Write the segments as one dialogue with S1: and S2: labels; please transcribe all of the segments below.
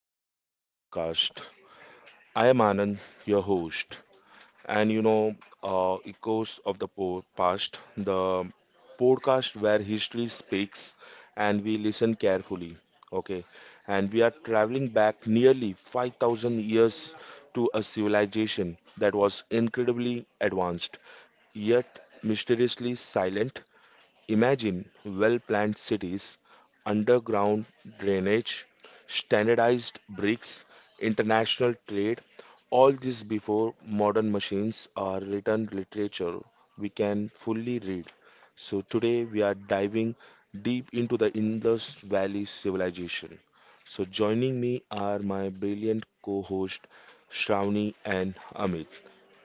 S1: welcome to our podcast. I am Anand, your host. And you know, echoes of the past, the podcast where history speaks and we listen carefully. Okay, and we are traveling back nearly 5,000 years to a civilization that was incredibly advanced, yet mysteriously silent. Imagine well planned cities, underground drainage, standardized bricks, international trade, all this before modern machines are written literature we can fully read. So today we are diving deep into the Indus Valley civilization. So joining me are my brilliant co-host Shravani and Amit.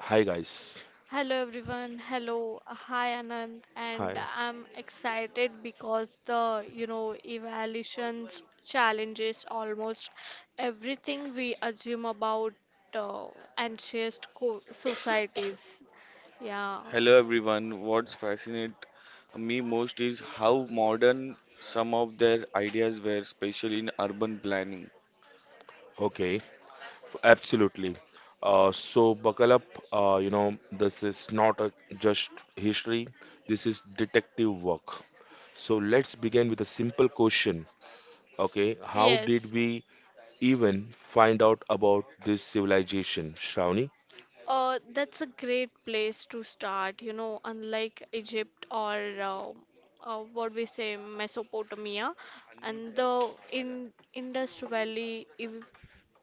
S1: Hi guys.
S2: Hello everyone. Hello. Hi Anand. And
S1: Hi.
S2: I'm excited because evaluations challenges almost everything we assume about uh, anxious co societies. Yeah.
S3: Hello everyone. What's fascinates me most is how modern some of their ideas were, especially in urban planning.
S1: Okay. Absolutely. So buckle up. This is not a just history. This is detective work. So let's begin with a simple question. Okay, how did we even find out about this
S2: Yes.
S1: civilization, Shravani?
S2: That's a great place to start, unlike Egypt or uh, what we say Mesopotamia and the in Indus Valley ev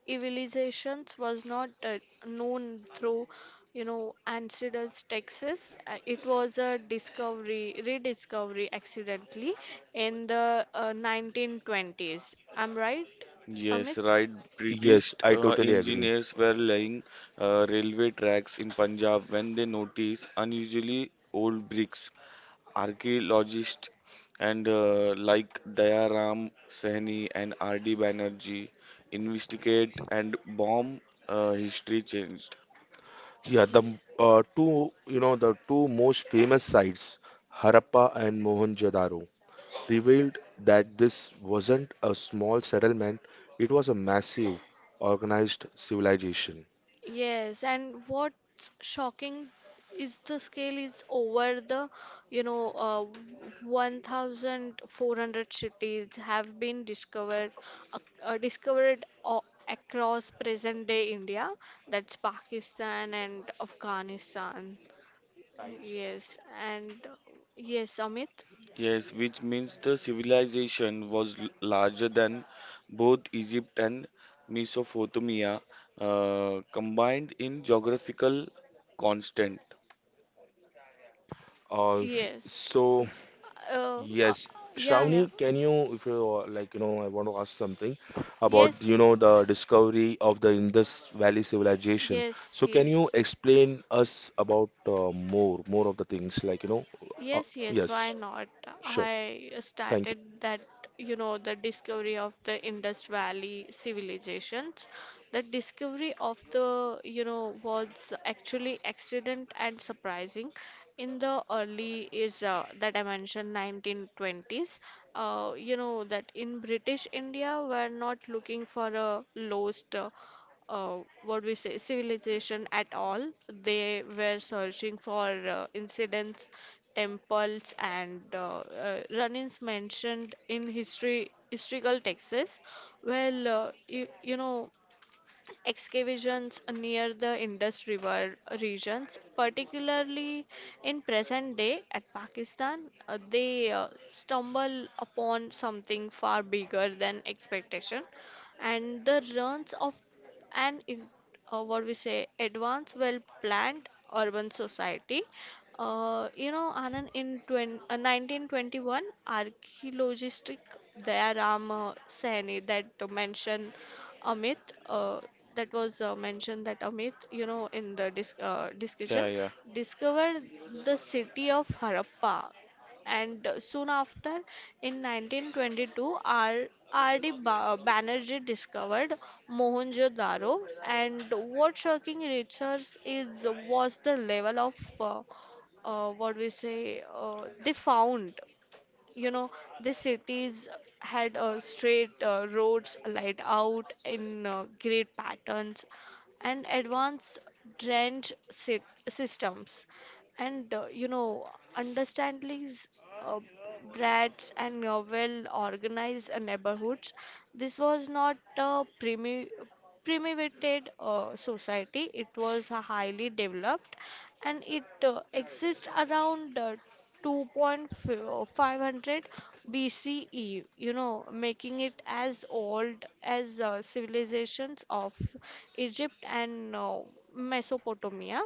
S2: civilizations was not known through ancestors' texts. It was a discovery, rediscovery accidentally in the 1920s. I'm right,
S3: Yes,
S2: Amit?
S3: right. British
S1: Yes, I totally agree.
S3: engineers were laying railway tracks in Punjab when they noticed unusually old bricks. Archaeologists and like Dayaram Sahni and R.D. Banerjee investigate and bomb history changed.
S1: Yeah,
S2: Ye-
S1: the two most famous sites, Harappa and Mohenjo-daro, revealed that this wasn't a small settlement, it was a massive, organized civilization.
S2: Yes, and what's shocking is the scale is over you know, uh, 1,400 cities have been discovered, uh, uh, discovered a- across present-day India. That's Pakistan and Afghanistan. Yes, and yes, Amit.
S3: Yes, which means the civilization was larger than both Egypt and Mesopotamia combined in geographical constant.
S1: Uh,
S2: Yes.
S1: so,
S2: Uh, uh,
S1: yes, Shravani, can you, if you like, you know, I want to ask something about,
S2: about.
S1: the discovery of the Indus Valley civilization.
S2: Yes,
S1: So,
S2: So
S1: can you
S2: can
S1: explain us about more, more of the things, uh,
S2: Yes, yes,
S1: yes,
S2: why not?
S1: sure,
S2: I
S1: thank you.
S2: started that, the discovery of the Indus Valley civilizations. The discovery of was actually accident and surprising. In the early is that I mentioned 1920s, that in British India were not looking for a lost uh, what we say civilization at all. They were searching for incidents, temples, and run-ins mentioned in history historical texts. Well, excavations near the Indus River regions, particularly in present day at Pakistan, they stumble upon something far bigger than expectation, and the ruins of an in- what we say advanced well planned urban society, Anand. In 20, 1921, archaeologist Dayaram Saini, that mentioned Amit, uh, that was mentioned that amit you know in the dis- discussion,
S3: Yeah, yeah.
S2: discovered the city of Harappa. And soon after, in 1922, R. R. D. R.D. Banerjee discovered Mohenjo-daro. And what shocking research is was the level of what we say, they found, you know the cities had straight roads laid out in great patterns, and advanced trench systems, and understandings, uh, brats, and well organized neighborhoods. This was not a primitive society. It was highly developed, and it exists around 2,500 BCE, making it as old as civilizations of Egypt and Mesopotamia.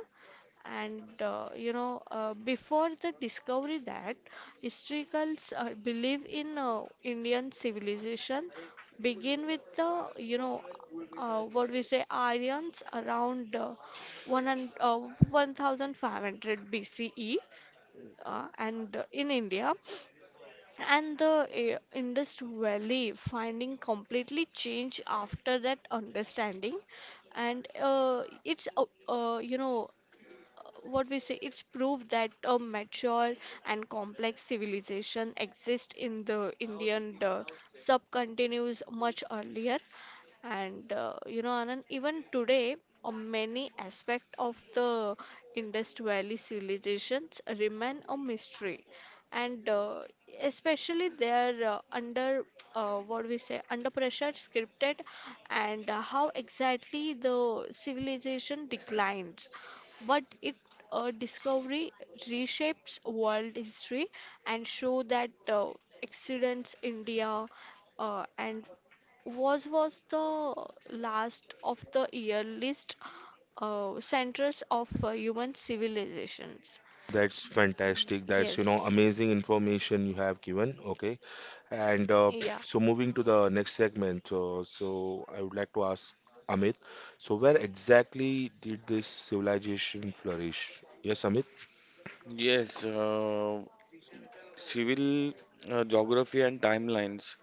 S2: And before the discovery, that historians believe in Indian civilization begin with the what we say Aryans around one and 1500 BCE, and in India, and the Indus Valley finding completely changed after that understanding. And it's you know what we say it's proof that a mature and complex civilization exists in the Indian subcontinent much earlier. And Anand, even today, many aspects of the Indus Valley civilizations remain a mystery. And especially they are under, what we say under pressure scripted, and how exactly the civilization declines. But it discovery reshapes world history and show that accidents India and was the last of the year list centers of human civilizations.
S1: That's fantastic.
S2: Yes.
S1: Amazing information you have given. Okay. And
S2: Yeah.
S1: so moving to the next segment, so I would like to ask Amit, so where exactly did this civilization flourish? Yes, Amit?
S3: Yes, civil geography and timelines.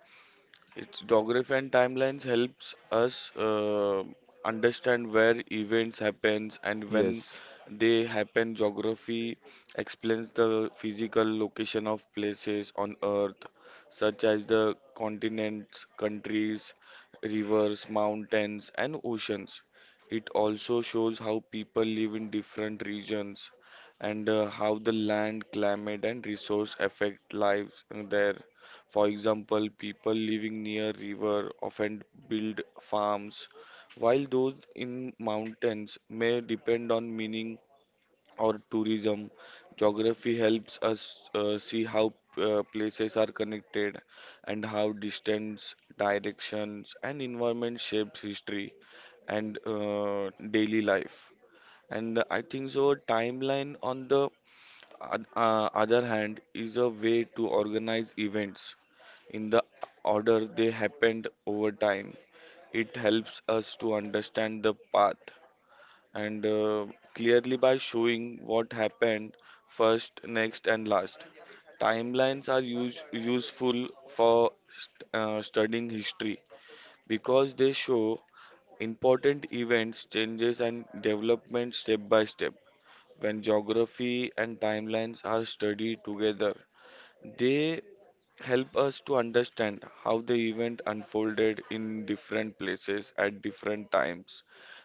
S3: Its geography and timelines helps us understand where events happens and when
S1: Yes.
S3: they happen. Geography explains the physical location of places on Earth, such as the continents, countries, rivers, mountains, and oceans. It also shows how people live in different regions and how the land, climate, and resource affect lives there. For example, people living near river often build farms, while those in mountains may depend on mining or tourism. Geography helps us see how places are connected and how distance, directions, and environment shapes history and daily life. And I think so. Timeline on the other hand is a way to organize events in the order they happened over time. It helps us to understand the path and clearly by showing what happened first, next, and last. Timelines are useful for studying history because they show important events, changes, and development step by step. When geography and timelines are studied together, they help us to understand how the event unfolded in different places at different times,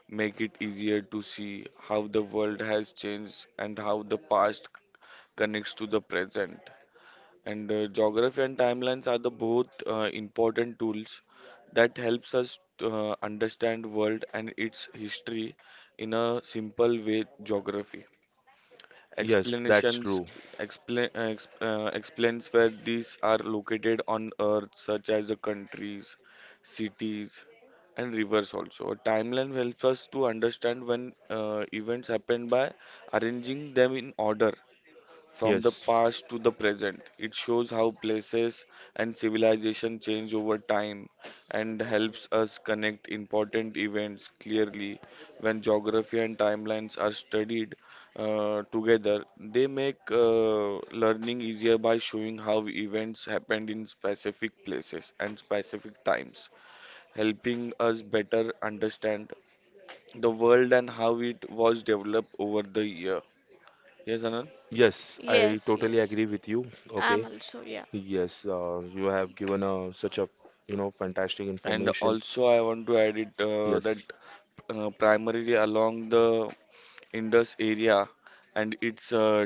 S3: make it easier to see how the world has changed and how the past connects to the present. And geography and timelines are the both important tools that helps us understand world and its history in a simple way geography
S1: Yes, that's
S3: Explanations
S1: true.
S3: explain, explains where these are located on Earth, such as the countries, cities, and rivers. Also, a timeline helps us to understand when events happen by arranging them in order from the
S1: Yes.
S3: past to the present. It shows how places and civilization change over time and helps us connect important events clearly. When geography and timelines are studied together, they make learning easier by showing how events happened in specific places and specific times, helping us better understand the world and how it was developed over the year. Yes, Anand?
S1: Yes, I
S2: Yes,
S1: totally
S2: yes.
S1: agree with you.
S2: I'm
S1: Okay.
S2: also, yeah.
S1: Yes, you have given such a, fantastic
S3: And
S1: information.
S3: also, I want to add it that
S1: Yes.
S3: primarily along the Indus area and its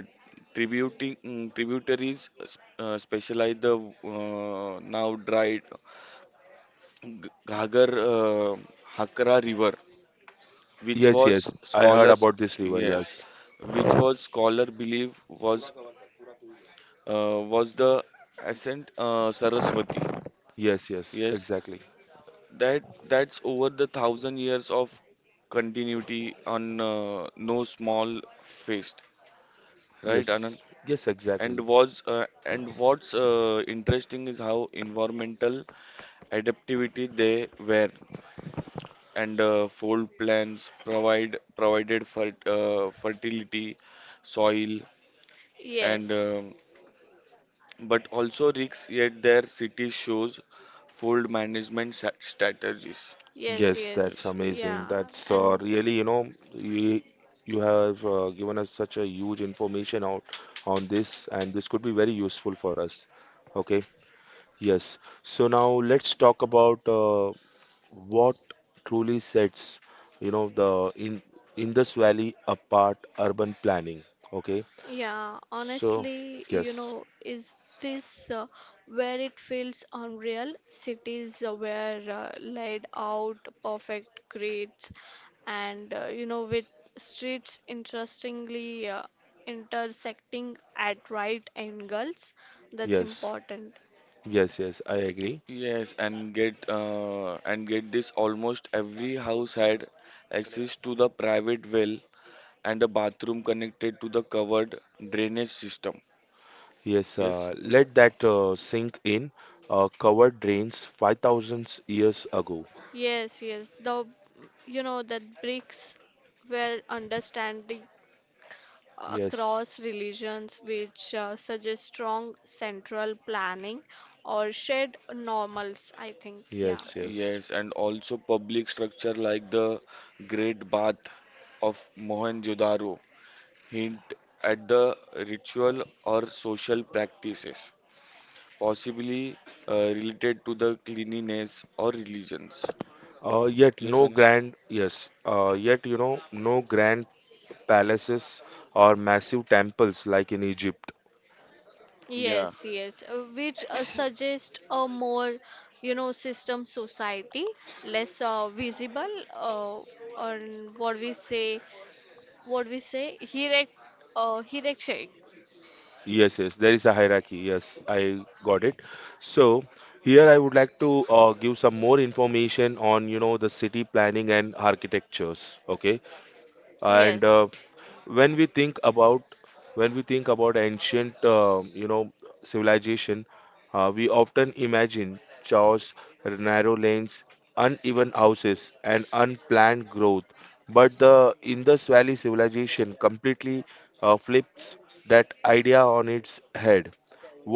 S3: tributing tributaries specialize the now dried Ghagar Hakra River, which
S1: Yes,
S3: was
S1: yes. I heard
S3: scholars
S1: about this river.
S3: yes,
S1: Yes.
S3: which was scholar believe was the ascent Saraswati.
S1: Yes, yes.
S3: Yes,
S1: Exactly.
S3: that that's over the thousand years of continuity on no small feast, right,
S1: Yes,
S3: Anand?
S1: yes,
S3: And
S1: exactly.
S3: was and what's interesting is how environmental adaptivity they were, and fold plants provided fertility, soil, and
S2: Yes.
S3: but also risks. Yet their city shows fold management strategies.
S2: Yes,
S1: Yes, that's
S2: yes,
S3: Yes.
S1: amazing.
S2: yeah,
S1: That's
S2: and
S1: really, you know, You have given us such a huge information out on this, and this could be very useful for us. Okay, yes. So now let's talk about what truly sets, you know, the in Indus Valley apart urban planning. Okay,
S2: yeah,
S1: so
S2: honestly,
S1: yes,
S2: is this where it feels unreal? Cities where laid out perfect grids, and with streets interestingly intersecting at right angles. That's
S1: yes,
S2: important.
S1: yes, yes, I agree.
S3: Yes, and get this almost every house had access to the private well and a bathroom connected to the covered drainage system.
S1: Yes,
S3: Yes,
S1: let that sink in. Cover drains 5,000 years ago.
S2: Yes, yes, that bricks were understanding
S1: Yes,
S2: across religions, which suggests strong central planning or shared normals, I think. Yeah.
S1: yes, yes.
S3: yes, and also public structure like the Great Bath of Mohenjo-daro hint at the ritual or social practices, possibly related to the cleanliness or religions.
S1: Yet
S3: Yes,
S1: no
S3: Anand.
S1: grand, yes, yet you know, no grand palaces or massive temples like in Egypt.
S3: Yeah.
S2: Yes, yes, which suggest a more, system society, less visible, uh, or what we say, what we say, hierarch, hierarchic.
S1: Yes, yes, there is a hierarchy. Yes, I got it. So here I would like to give some more information on, the city planning and architectures. Okay, and
S2: Yes.
S1: When we think about when we think about ancient civilization, we often imagine chaos, narrow lanes, uneven houses, and unplanned growth, but the Indus Valley civilization completely flips that idea on its head.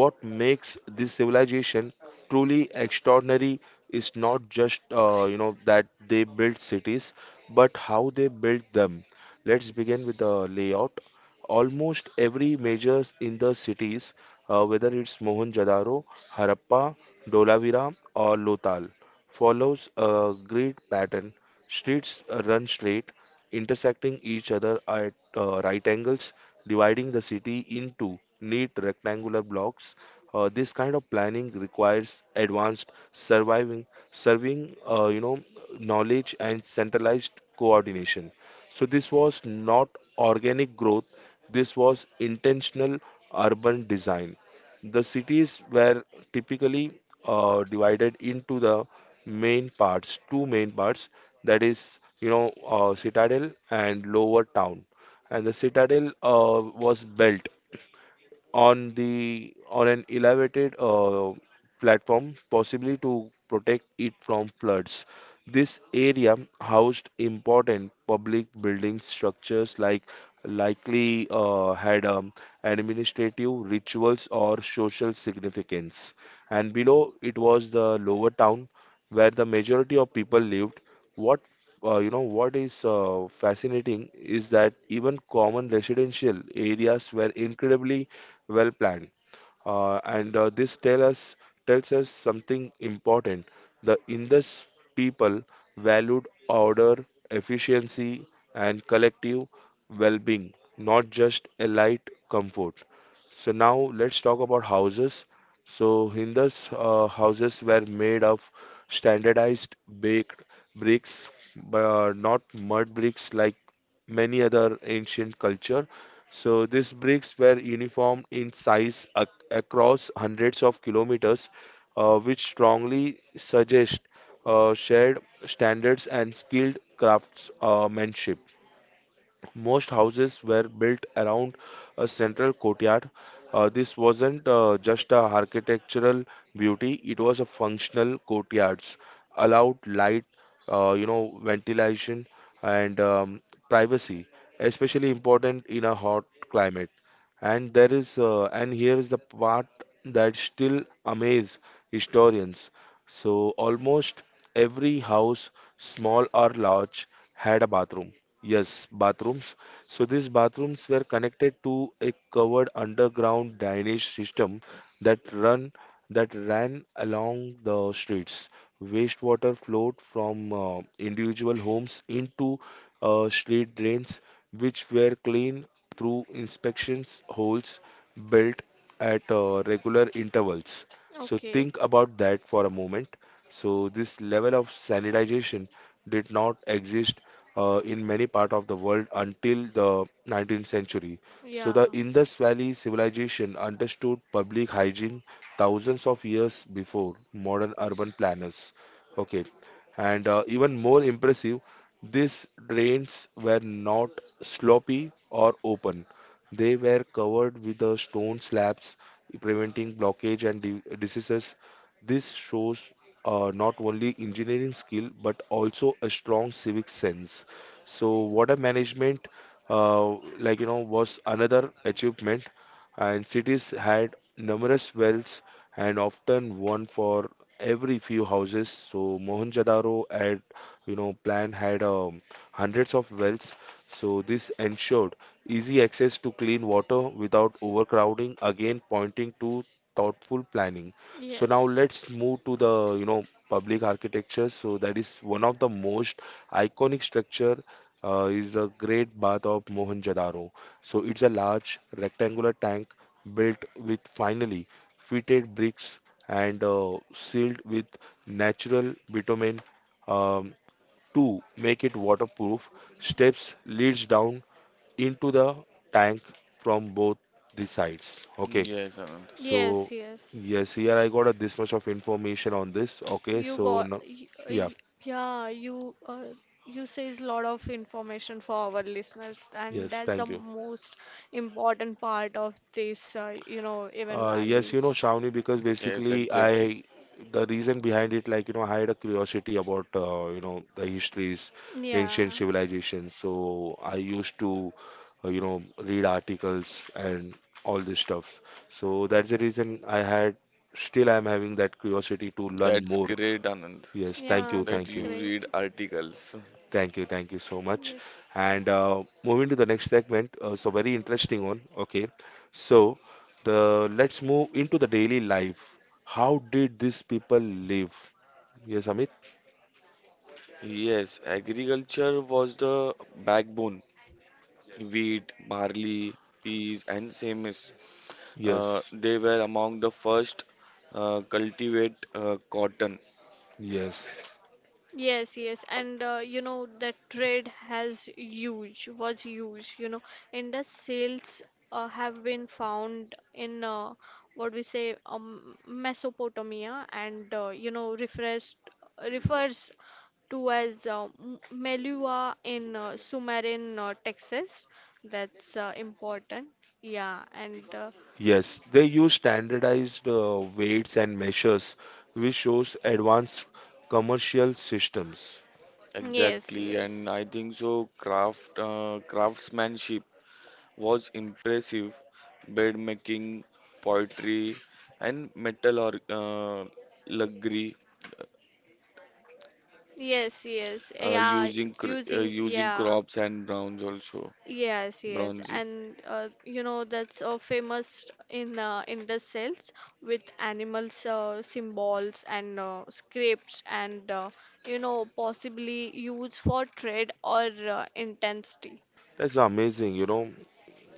S1: What makes this civilization truly extraordinary is not just that they built cities, but how they built them. Let's begin with the layout. Almost every major in the cities, whether it's Mohenjo-daro, Harappa, Dolavira, or Lothal, follows a grid pattern. Streets run straight, intersecting each other at right angles, dividing the city into neat rectangular blocks. This kind of planning requires advanced surviving, serving, uh, you know, knowledge and centralized coordination. So this was not organic growth. This was intentional urban design. The cities were typically divided into two main parts, that is, citadel and lower town. And the citadel was built on an elevated platform, possibly to protect it from floods. This area housed important public buildings, structures likely had administrative rituals or social significance. And below it was the lower town where the majority of people lived. What you know what is fascinating is that even common residential areas were incredibly well planned. And this tell us, tells us something important. The Indus people valued order, efficiency, and collective well being, not just a light comfort. So, now let's talk about houses. So, Hindus houses were made of standardized baked bricks, but not mud bricks like many other ancient culture, so these bricks were uniform in size ac across hundreds of kilometers, which strongly suggest shared standards and skilled craftsmanship. Most houses were built around a central courtyard. This wasn't just a architectural beauty, it was a functional courtyards, allowed light, ventilation, and privacy, especially important in a hot climate. And here is the part that still amaze historians. So almost every house, small or large, had a bathroom. Yes, bathrooms. So these bathrooms were connected to a covered underground drainage system that run that ran along the streets. Wastewater flowed from individual homes into street drains, which were cleaned through inspections holes built at regular intervals. So
S2: Okay.
S1: think about that for a moment. So this level of sanitization did not exist in many part of the world until the 19th
S2: So
S1: century. So
S2: yeah.
S1: the Indus Valley civilization understood public hygiene thousands of years before modern urban planners.
S2: So
S1: Okay, and Even more impressive, these drains were not sloppy or open. They were covered with the stone slabs, preventing blockage and diseases. This shows not only engineering skill but also a strong civic sense. So water management, uh, was another achievement, and cities had numerous wells and often one for every few houses. So Mohenjo-daro had, you know, plan had hundreds of wells. So this ensured easy access to clean water without overcrowding, again pointing to thoughtful planning. So now
S2: yes.
S1: let's move to the public architecture. So that is one of the most iconic structure, is the Great Bath of Mohenjo-daro. So it's a large rectangular tank built with finely fitted bricks and sealed with natural bitumen, um, to make it waterproof. Steps leads down into the tank from both the sides. Okay.
S3: Yes, Anand.
S1: So
S2: Yes, yes.
S1: yes, here I got a, this much of information on this. Okay,
S2: You
S1: so
S2: got,
S1: no,
S2: y- yeah.
S1: yeah,
S2: y- Yeah, you uh, you says lot of information for our listeners, and
S1: yes,
S2: that's the
S1: thank you.
S2: exactly most important part of this, you know, even
S1: Yes, you
S2: valleys.
S1: know, Shravani, because
S3: Yes,
S1: basically
S3: exactly.
S1: I, the reason behind it, I had a curiosity about, the histories, ancient civilizations. So I
S2: Yeah,
S1: used
S2: so
S1: to, read articles and all this stuff. So that's the reason I had, still I'm having that curiosity to learn
S3: That's
S1: more.
S3: great, Anand,
S1: Yes, thank
S2: yeah,
S1: you,
S3: that
S2: that's
S1: thank you.
S3: you
S2: great.
S3: read articles.
S1: Thank you, thank you so
S2: So much.
S1: much. And
S2: Yes.
S1: Moving to the next segment, so very interesting one. Okay, so the let's move into the daily life. How did these people live? Yes, Amit?
S3: Yes, agriculture was the backbone. Wheat, barley, peas, and semis.
S1: Yes,
S3: They were among the first cultivate cotton.
S1: yes,
S2: Yes, yes, and that trade has huge was huge. You know, Indus sales have been found in what we say Mesopotamia, and refers refers to as Melua in Sumerian. Texas. That's important. Yeah, and
S1: yes. They use standardized weights and measures, which shows advanced commercial systems.
S2: yes,
S3: Exactly, and
S2: yes.
S3: I think so. Craftsmanship was impressive. Bed making, poetry, and metal or
S2: Yes, yes, yeah,
S3: using
S2: using,
S3: using
S2: yeah,
S3: crops and browns also
S2: yes, yes,
S3: bronzy.
S2: and that's famous in the cells with animals, symbols and scripts, and possibly used for trade or intensity.
S1: That's amazing, you know.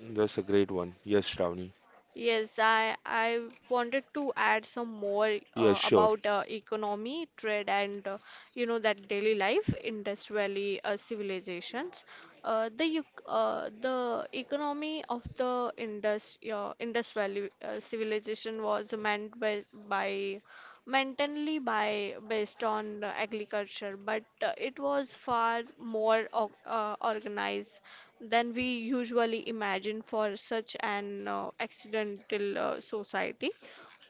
S1: That's a great one. Yes, Shravani.
S2: Yes, I wanted to add some more
S1: Yes, sure.
S2: about economy, trade, and that daily life, Indus Valley civilizations. The economy of the Indus Valley civilization was meant by mainly by based on agriculture, but it was far more organized than we usually imagine for such an accidental society.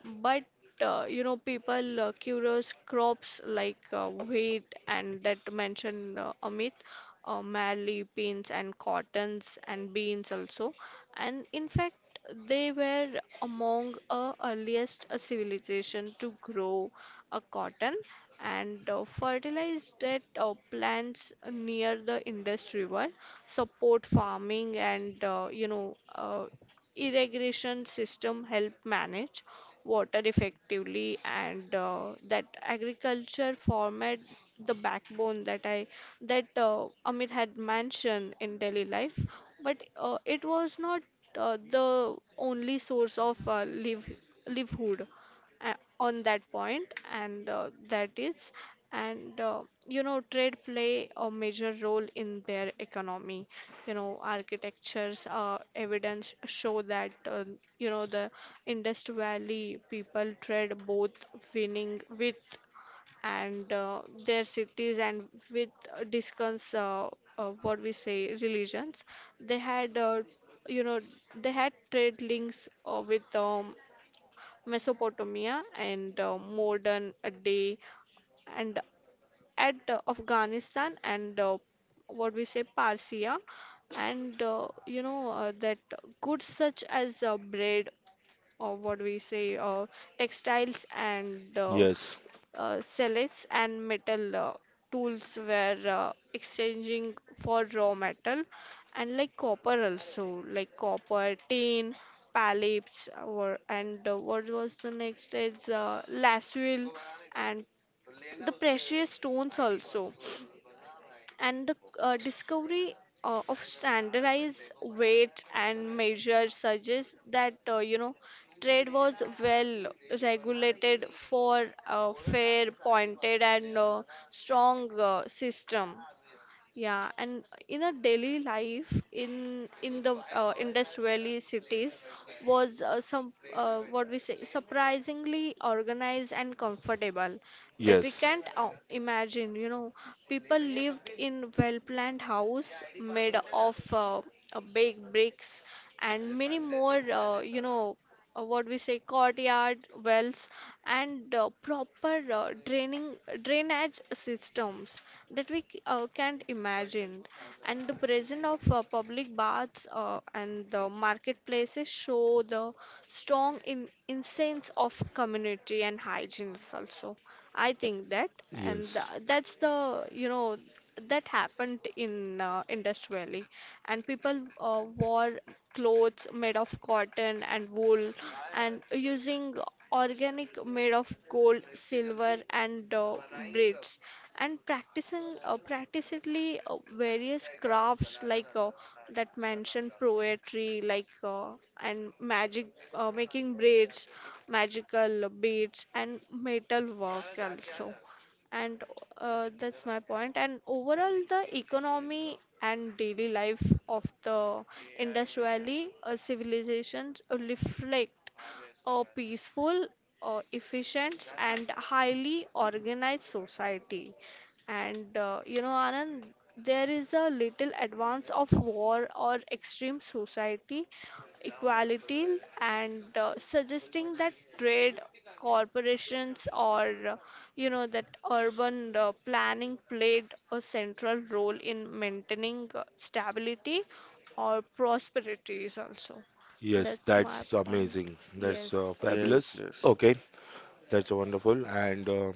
S2: But people curious crops like wheat, and that mentioned Amit, merely pins and cottons and beans also, and in fact they were among the earliest civilization to grow a cotton, and fertilized that plants near the Indus River support farming. And irrigation system help manage water effectively, and that agriculture format the backbone that Amit had mentioned in daily life. But it was not the only source of live livelihood uh, on that point, and that is. And trade play a major role in their economy. You know, architectures evidence show that the Indus Valley people trade both winning with and their cities, and with discuss what we say religions. They had, you know they had trade links with Mesopotamia, and modern day, and at Afghanistan, and what we say Persia. And that goods such as bread, or what we say textiles, and
S1: Yes,
S2: salads and metal tools were exchanging for raw metal, and like copper also, like copper tin pallets, or and what was the next is laswell, and the precious stones also. And the discovery of standardized weight and measures suggests that, trade was well regulated for a fair pointed and strong system. Yeah, and in a daily life in the Indus Valley cities was some what we say surprisingly organized and comfortable, that we
S1: yes,
S2: can't imagine. You know, people lived in well-planned house made of baked bricks and many more. What we say courtyard wells and proper draining drainage systems that we can't imagine. And the presence of public baths and the marketplaces show the strong in incense of community and hygiene also, I think that. And
S1: yes.
S2: that's the, you know that happened in Indus Valley, and people wore clothes made of cotton and wool, and using organic made of gold, silver, and bricks, and practicing practically various crafts like that mentioned poetry, like and magic, making braids, magical beads, and metal work also. And that's my point. And overall the economy and daily life of the Indus Valley civilizations reflect a peaceful, efficient, and highly organized society. And Anand, there is a little advance of war or extreme society, equality, and suggesting that trade corporations, or that urban planning played a central role in maintaining stability or prosperities also.
S1: Yes,
S2: That's my
S1: that's
S2: point.
S1: amazing. That's
S2: Yes.
S3: Yes,
S1: fabulous.
S3: yes,
S1: Okay, that's wonderful. And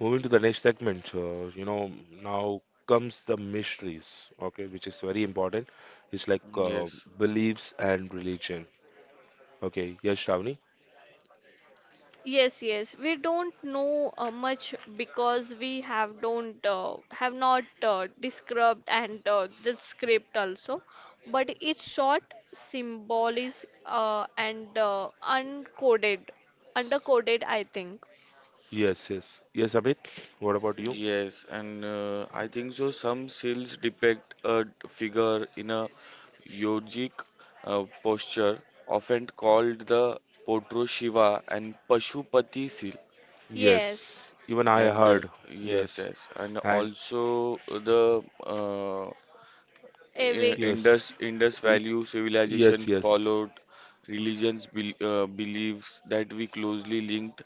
S1: Moving to the next segment, now comes the mysteries, okay, which is very important. It's like
S3: yes,
S1: beliefs and religion. Okay, yes, Shravani?
S2: Yes, yes. We don't know much because we have don't have not described, and the script also. But it's short, symbolic, and undercoded, I think.
S1: Yes, yes. Yes, Amit, what about you?
S3: yes, and I think so some seals depict a figure in a yogic posture often called the Potro Shiva and Pashupati seal,
S2: Yes.
S1: Yes, even I
S3: and
S1: heard.
S3: yes,
S1: Yes,
S3: yes, and
S1: and
S3: also the
S2: evi
S1: yes,
S3: Indus Indus
S1: y-
S3: value
S1: yes,
S3: civilization
S1: yes.
S3: followed religions beliefs that we closely linked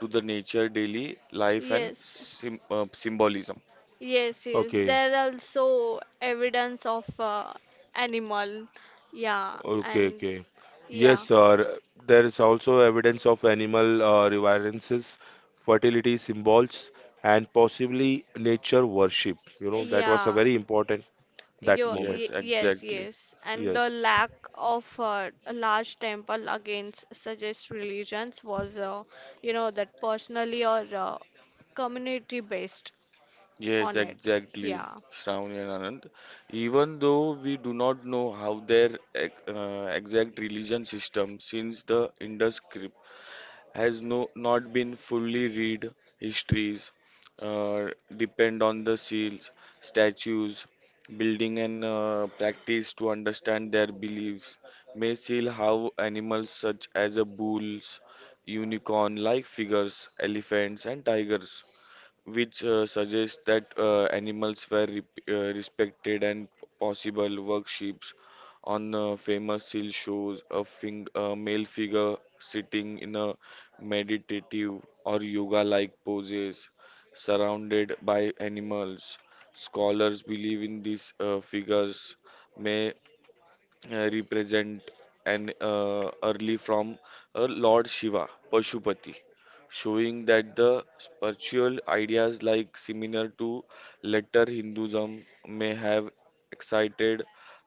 S3: to the nature daily life and
S2: Yes,
S3: symbolism.
S2: yes, yes.
S1: Okay.
S2: There are also evidence of animal. Yeah,
S1: Okay,
S2: and
S1: okay. Yes,
S2: yeah.
S1: sir. There is also evidence of animal reverences, fertility symbols, and possibly nature worship. You know, that was a
S2: Yeah,
S1: very important that
S2: yo,
S1: moment.
S2: y
S3: Yes,
S2: yes,
S3: exactly.
S2: yes, and the
S1: Yes.
S2: lack of a large temple against such religions was, that personally, or community based
S3: Yes,
S2: on it.
S3: exactly,
S2: Yeah,
S3: Shravani and Anand. Even though we do not know how their exact religion system, since the Indus has no not been fully read histories uh, depend on the seals statues building and practice to understand their beliefs may seal how animals such as a bulls unicorn like figures elephants and tigers which suggests that animals were respected and possible workships on famous seal shows a, a male figure sitting in a meditative or yoga like poses surrounded by animals scholars believe in these figures may represent an early from Lord Shiva, Pashupati, showing that the spiritual ideas like similar to later Hinduism may have excited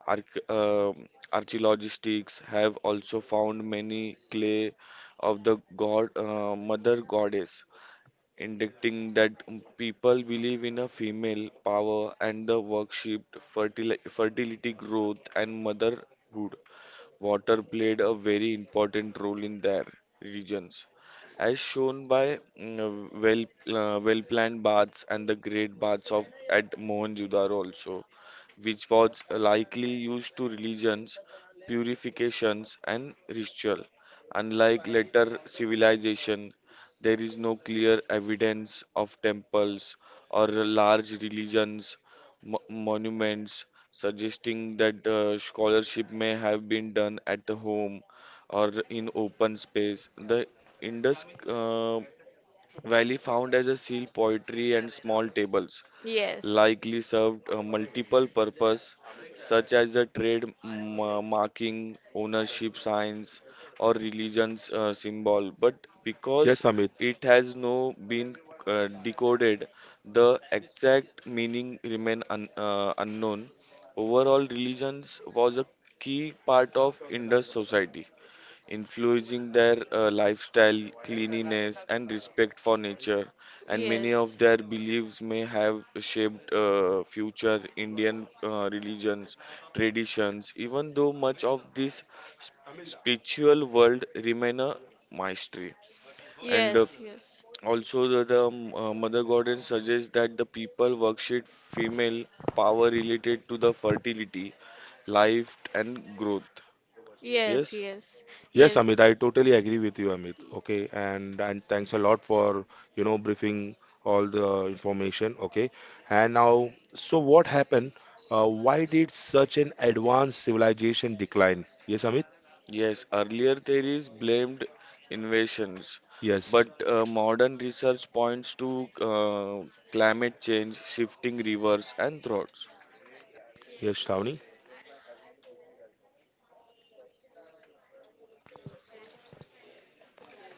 S3: arch uh, archaeologists have also found many clay of the god mother goddess indicating that people believe in a female power and the worshiped fertility, growth, and motherhood. Water played a very important role in their regions, as shown by well-planned baths and the great baths of at Mohenjo-daro also, which was likely used to religions, purifications, and ritual. Unlike later civilization, there is no clear evidence of temples or large religions monuments, suggesting that the scholarship may have been done at the home or in open space. The Indus Valley found as a seal poetry and small tables
S2: yes,
S3: likely served a multiple purposes, such as the trade marking ownership signs or religions symbol but because
S1: Yes, Amit.
S3: it has no been decoded the exact meaning remain unknown overall religions was a key part of indus society influencing their lifestyle, cleanliness, and respect for nature. And many
S2: yes,
S3: of their beliefs may have shaped future Indian religions, traditions, even though much of this sp- spiritual world remain a mystery. And
S2: yes, yes,
S3: also, the Mother Goddess suggests that the people worship female power related to the fertility, life, and growth.
S2: yes,
S3: Yes.
S2: yes,
S1: Yes, Amit, I totally agree with you, Amit.
S2: yes.
S1: Okay, and thanks a lot for, briefing all the information. Okay, and now, so what happened? Why did such an advanced civilization decline? Yes, Amit?
S3: Yes, earlier theories blamed invasions,
S1: Yes.
S3: but modern research points to climate change, shifting rivers and droughts.
S1: Yes, Shravani?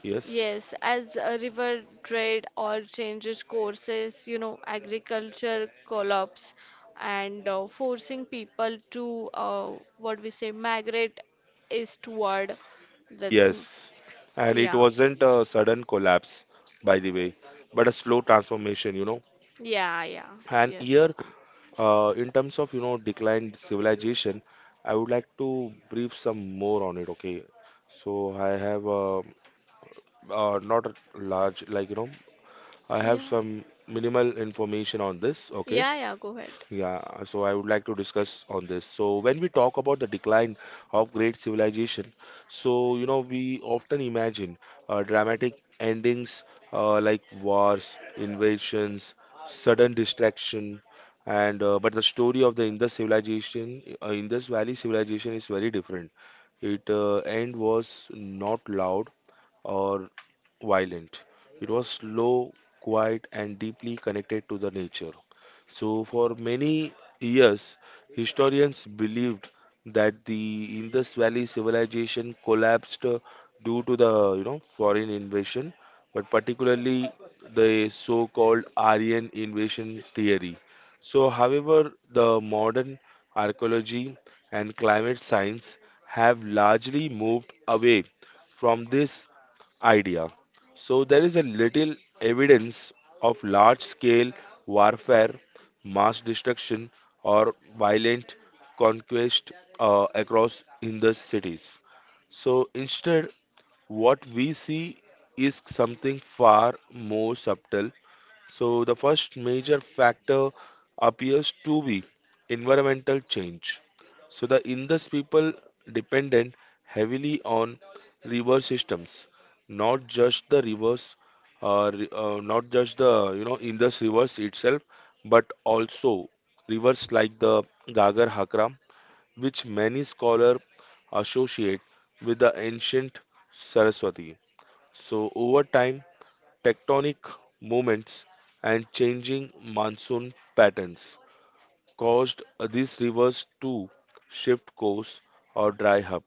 S1: Yes,
S2: Yes, as a river trade or changes courses, you know, agriculture collapse and forcing people to, what we say migrate eastward. That's m-
S1: yes. And it
S2: yeah,
S1: wasn't a sudden collapse, by the way, but a slow transformation, you know.
S2: yeah, yeah,
S1: And
S2: yes,
S1: here, in terms of, declined civilization, I would like to brief some more on it, okay? So I have not a large, I have
S2: yeah,
S1: some minimal information on this, okay?
S2: yeah, yeah. Go ahead.
S1: Yeah, so I would like to discuss on this. So when we talk about the decline of great civilization, so you know we often imagine dramatic endings like wars, invasions, sudden destruction, and but the story of the Indus civilization, Indus Valley civilization is very different. It end was not loud or violent. It was slow, quiet, and deeply connected to the nature. So, for many years, historians believed that the Indus Valley civilization collapsed due to the you know foreign invasion, but particularly the so-called Aryan invasion theory. So, however, the modern archaeology and climate science have largely moved away from this idea. So there is a little evidence of large scale warfare, mass destruction, or violent conquest across in the cities. So instead, what we see is something far more subtle. So, the first major factor appears to be environmental change. So, the Indus people depended heavily on river systems, not just the rivers, not just the you know Indus rivers itself, but also rivers like the Gagar Hakra, which many scholars associate with the ancient Saraswati. So, over time, tectonic movements and changing monsoon patterns caused these rivers to shift course or dry up.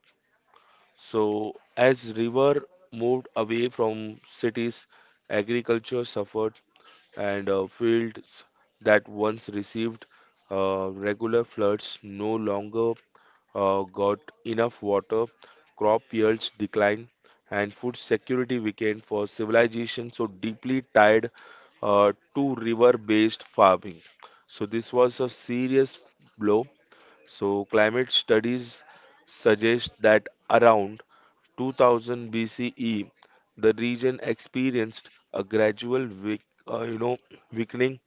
S1: So, as river moved away from cities, agriculture suffered, and fields that once received regular floods no longer got enough water, crop yields declined, and food security weakened for civilization so deeply tied to river-based farming. So this was a serious blow. So climate studies suggest that around 2000 BCE, the region experienced a gradual uh, you know, weakening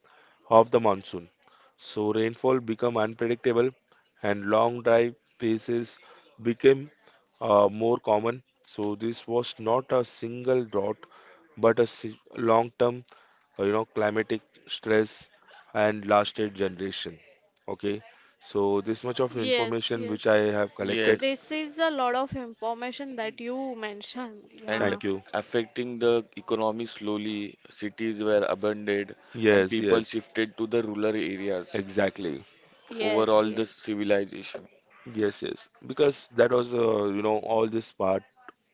S1: of the monsoon. So rainfall become unpredictable and long dry phases became more common. So this was not a single drought but a long-term climatic stress and lasted generation. Okay. So this much of
S2: Yes,
S1: information which
S2: yes.
S1: I have collected.
S3: Yes,
S2: This is a lot of information that you mentioned.
S3: and
S2: Yeah.
S1: Thank you.
S3: affecting the economy slowly. Cities were abandoned, and
S1: Yes,
S3: people
S1: yes,
S3: shifted to the rural areas.
S1: exactly.
S2: Yes,
S3: Overall, the
S2: yes.
S3: civilization.
S1: Yes, yes. Because that was, all this part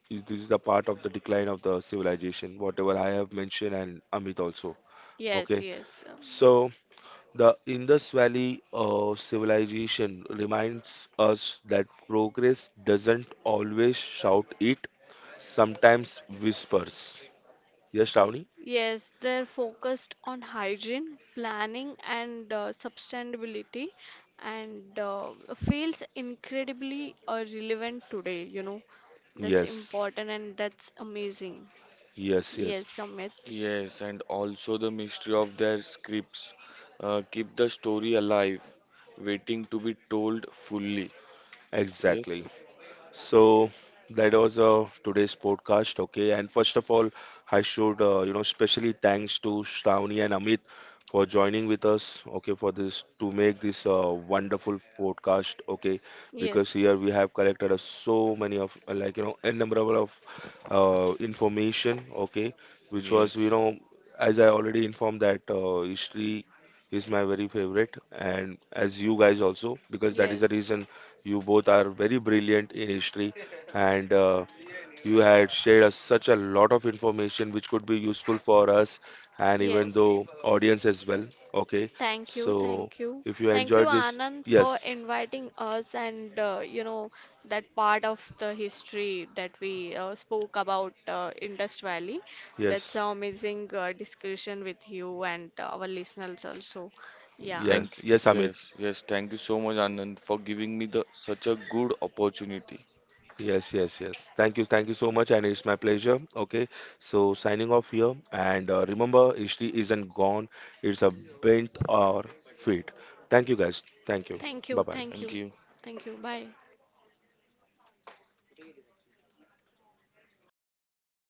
S1: is this is the part of the decline of the civilization, whatever I have mentioned and Amit also.
S2: Yes,
S1: Okay,
S2: yes.
S1: so the Indus Valley civilization reminds us that progress doesn't always shout it, sometimes whispers. Yes, Ravni?
S2: Yes, they're focused on hygiene, planning, and sustainability, and feels incredibly relevant today, you know. That's
S1: Yes,
S2: important and that's amazing.
S1: yes, yes,
S2: Yes, Amit. Because
S3: Yes, and also the mystery of their scripts keep the story alive, waiting to be told fully. Yes.
S1: exactly. So that was today's podcast. Okay, and first of all, I should specially thanks to Shravani and Amit for joining with us. Okay, for this to make this wonderful podcast. Okay, because
S2: yes,
S1: here we have collected so many of innumerable of information. Okay, which was you
S3: Yes,
S1: know, as I already informed that history is my very favorite and as you guys also, because that is the
S2: yes,
S1: reason you both are very brilliant in history, and you had shared us such a lot of information which could be useful for us and
S2: know
S1: even
S2: yes.
S1: though audience as well. Okay,
S2: Thank you, so
S1: so
S2: thank you.
S1: if you
S2: Thank you,
S1: enjoyed this,
S2: Anand, for
S1: yes,
S2: inviting us, and that part of the history that we spoke about Indus Valley. Yes, that's
S1: yes.
S2: an amazing discussion with you and our listeners also. Yeah.
S3: thank
S1: Yes,
S2: Yes.
S1: yes, Amit.
S3: Yes, yes, thank you so much, Anand, for giving me the such a good opportunity.
S1: Yes, yes, yes. Thank you so much, and it's my pleasure. Okay, so signing off here, and remember, history isn't gone; it's a bent or feet. Thank you, guys. Thank you.
S2: Thank
S1: Bye
S2: you, thank
S3: Thank
S1: bye.
S2: you,
S3: you.
S2: thank you. Bye.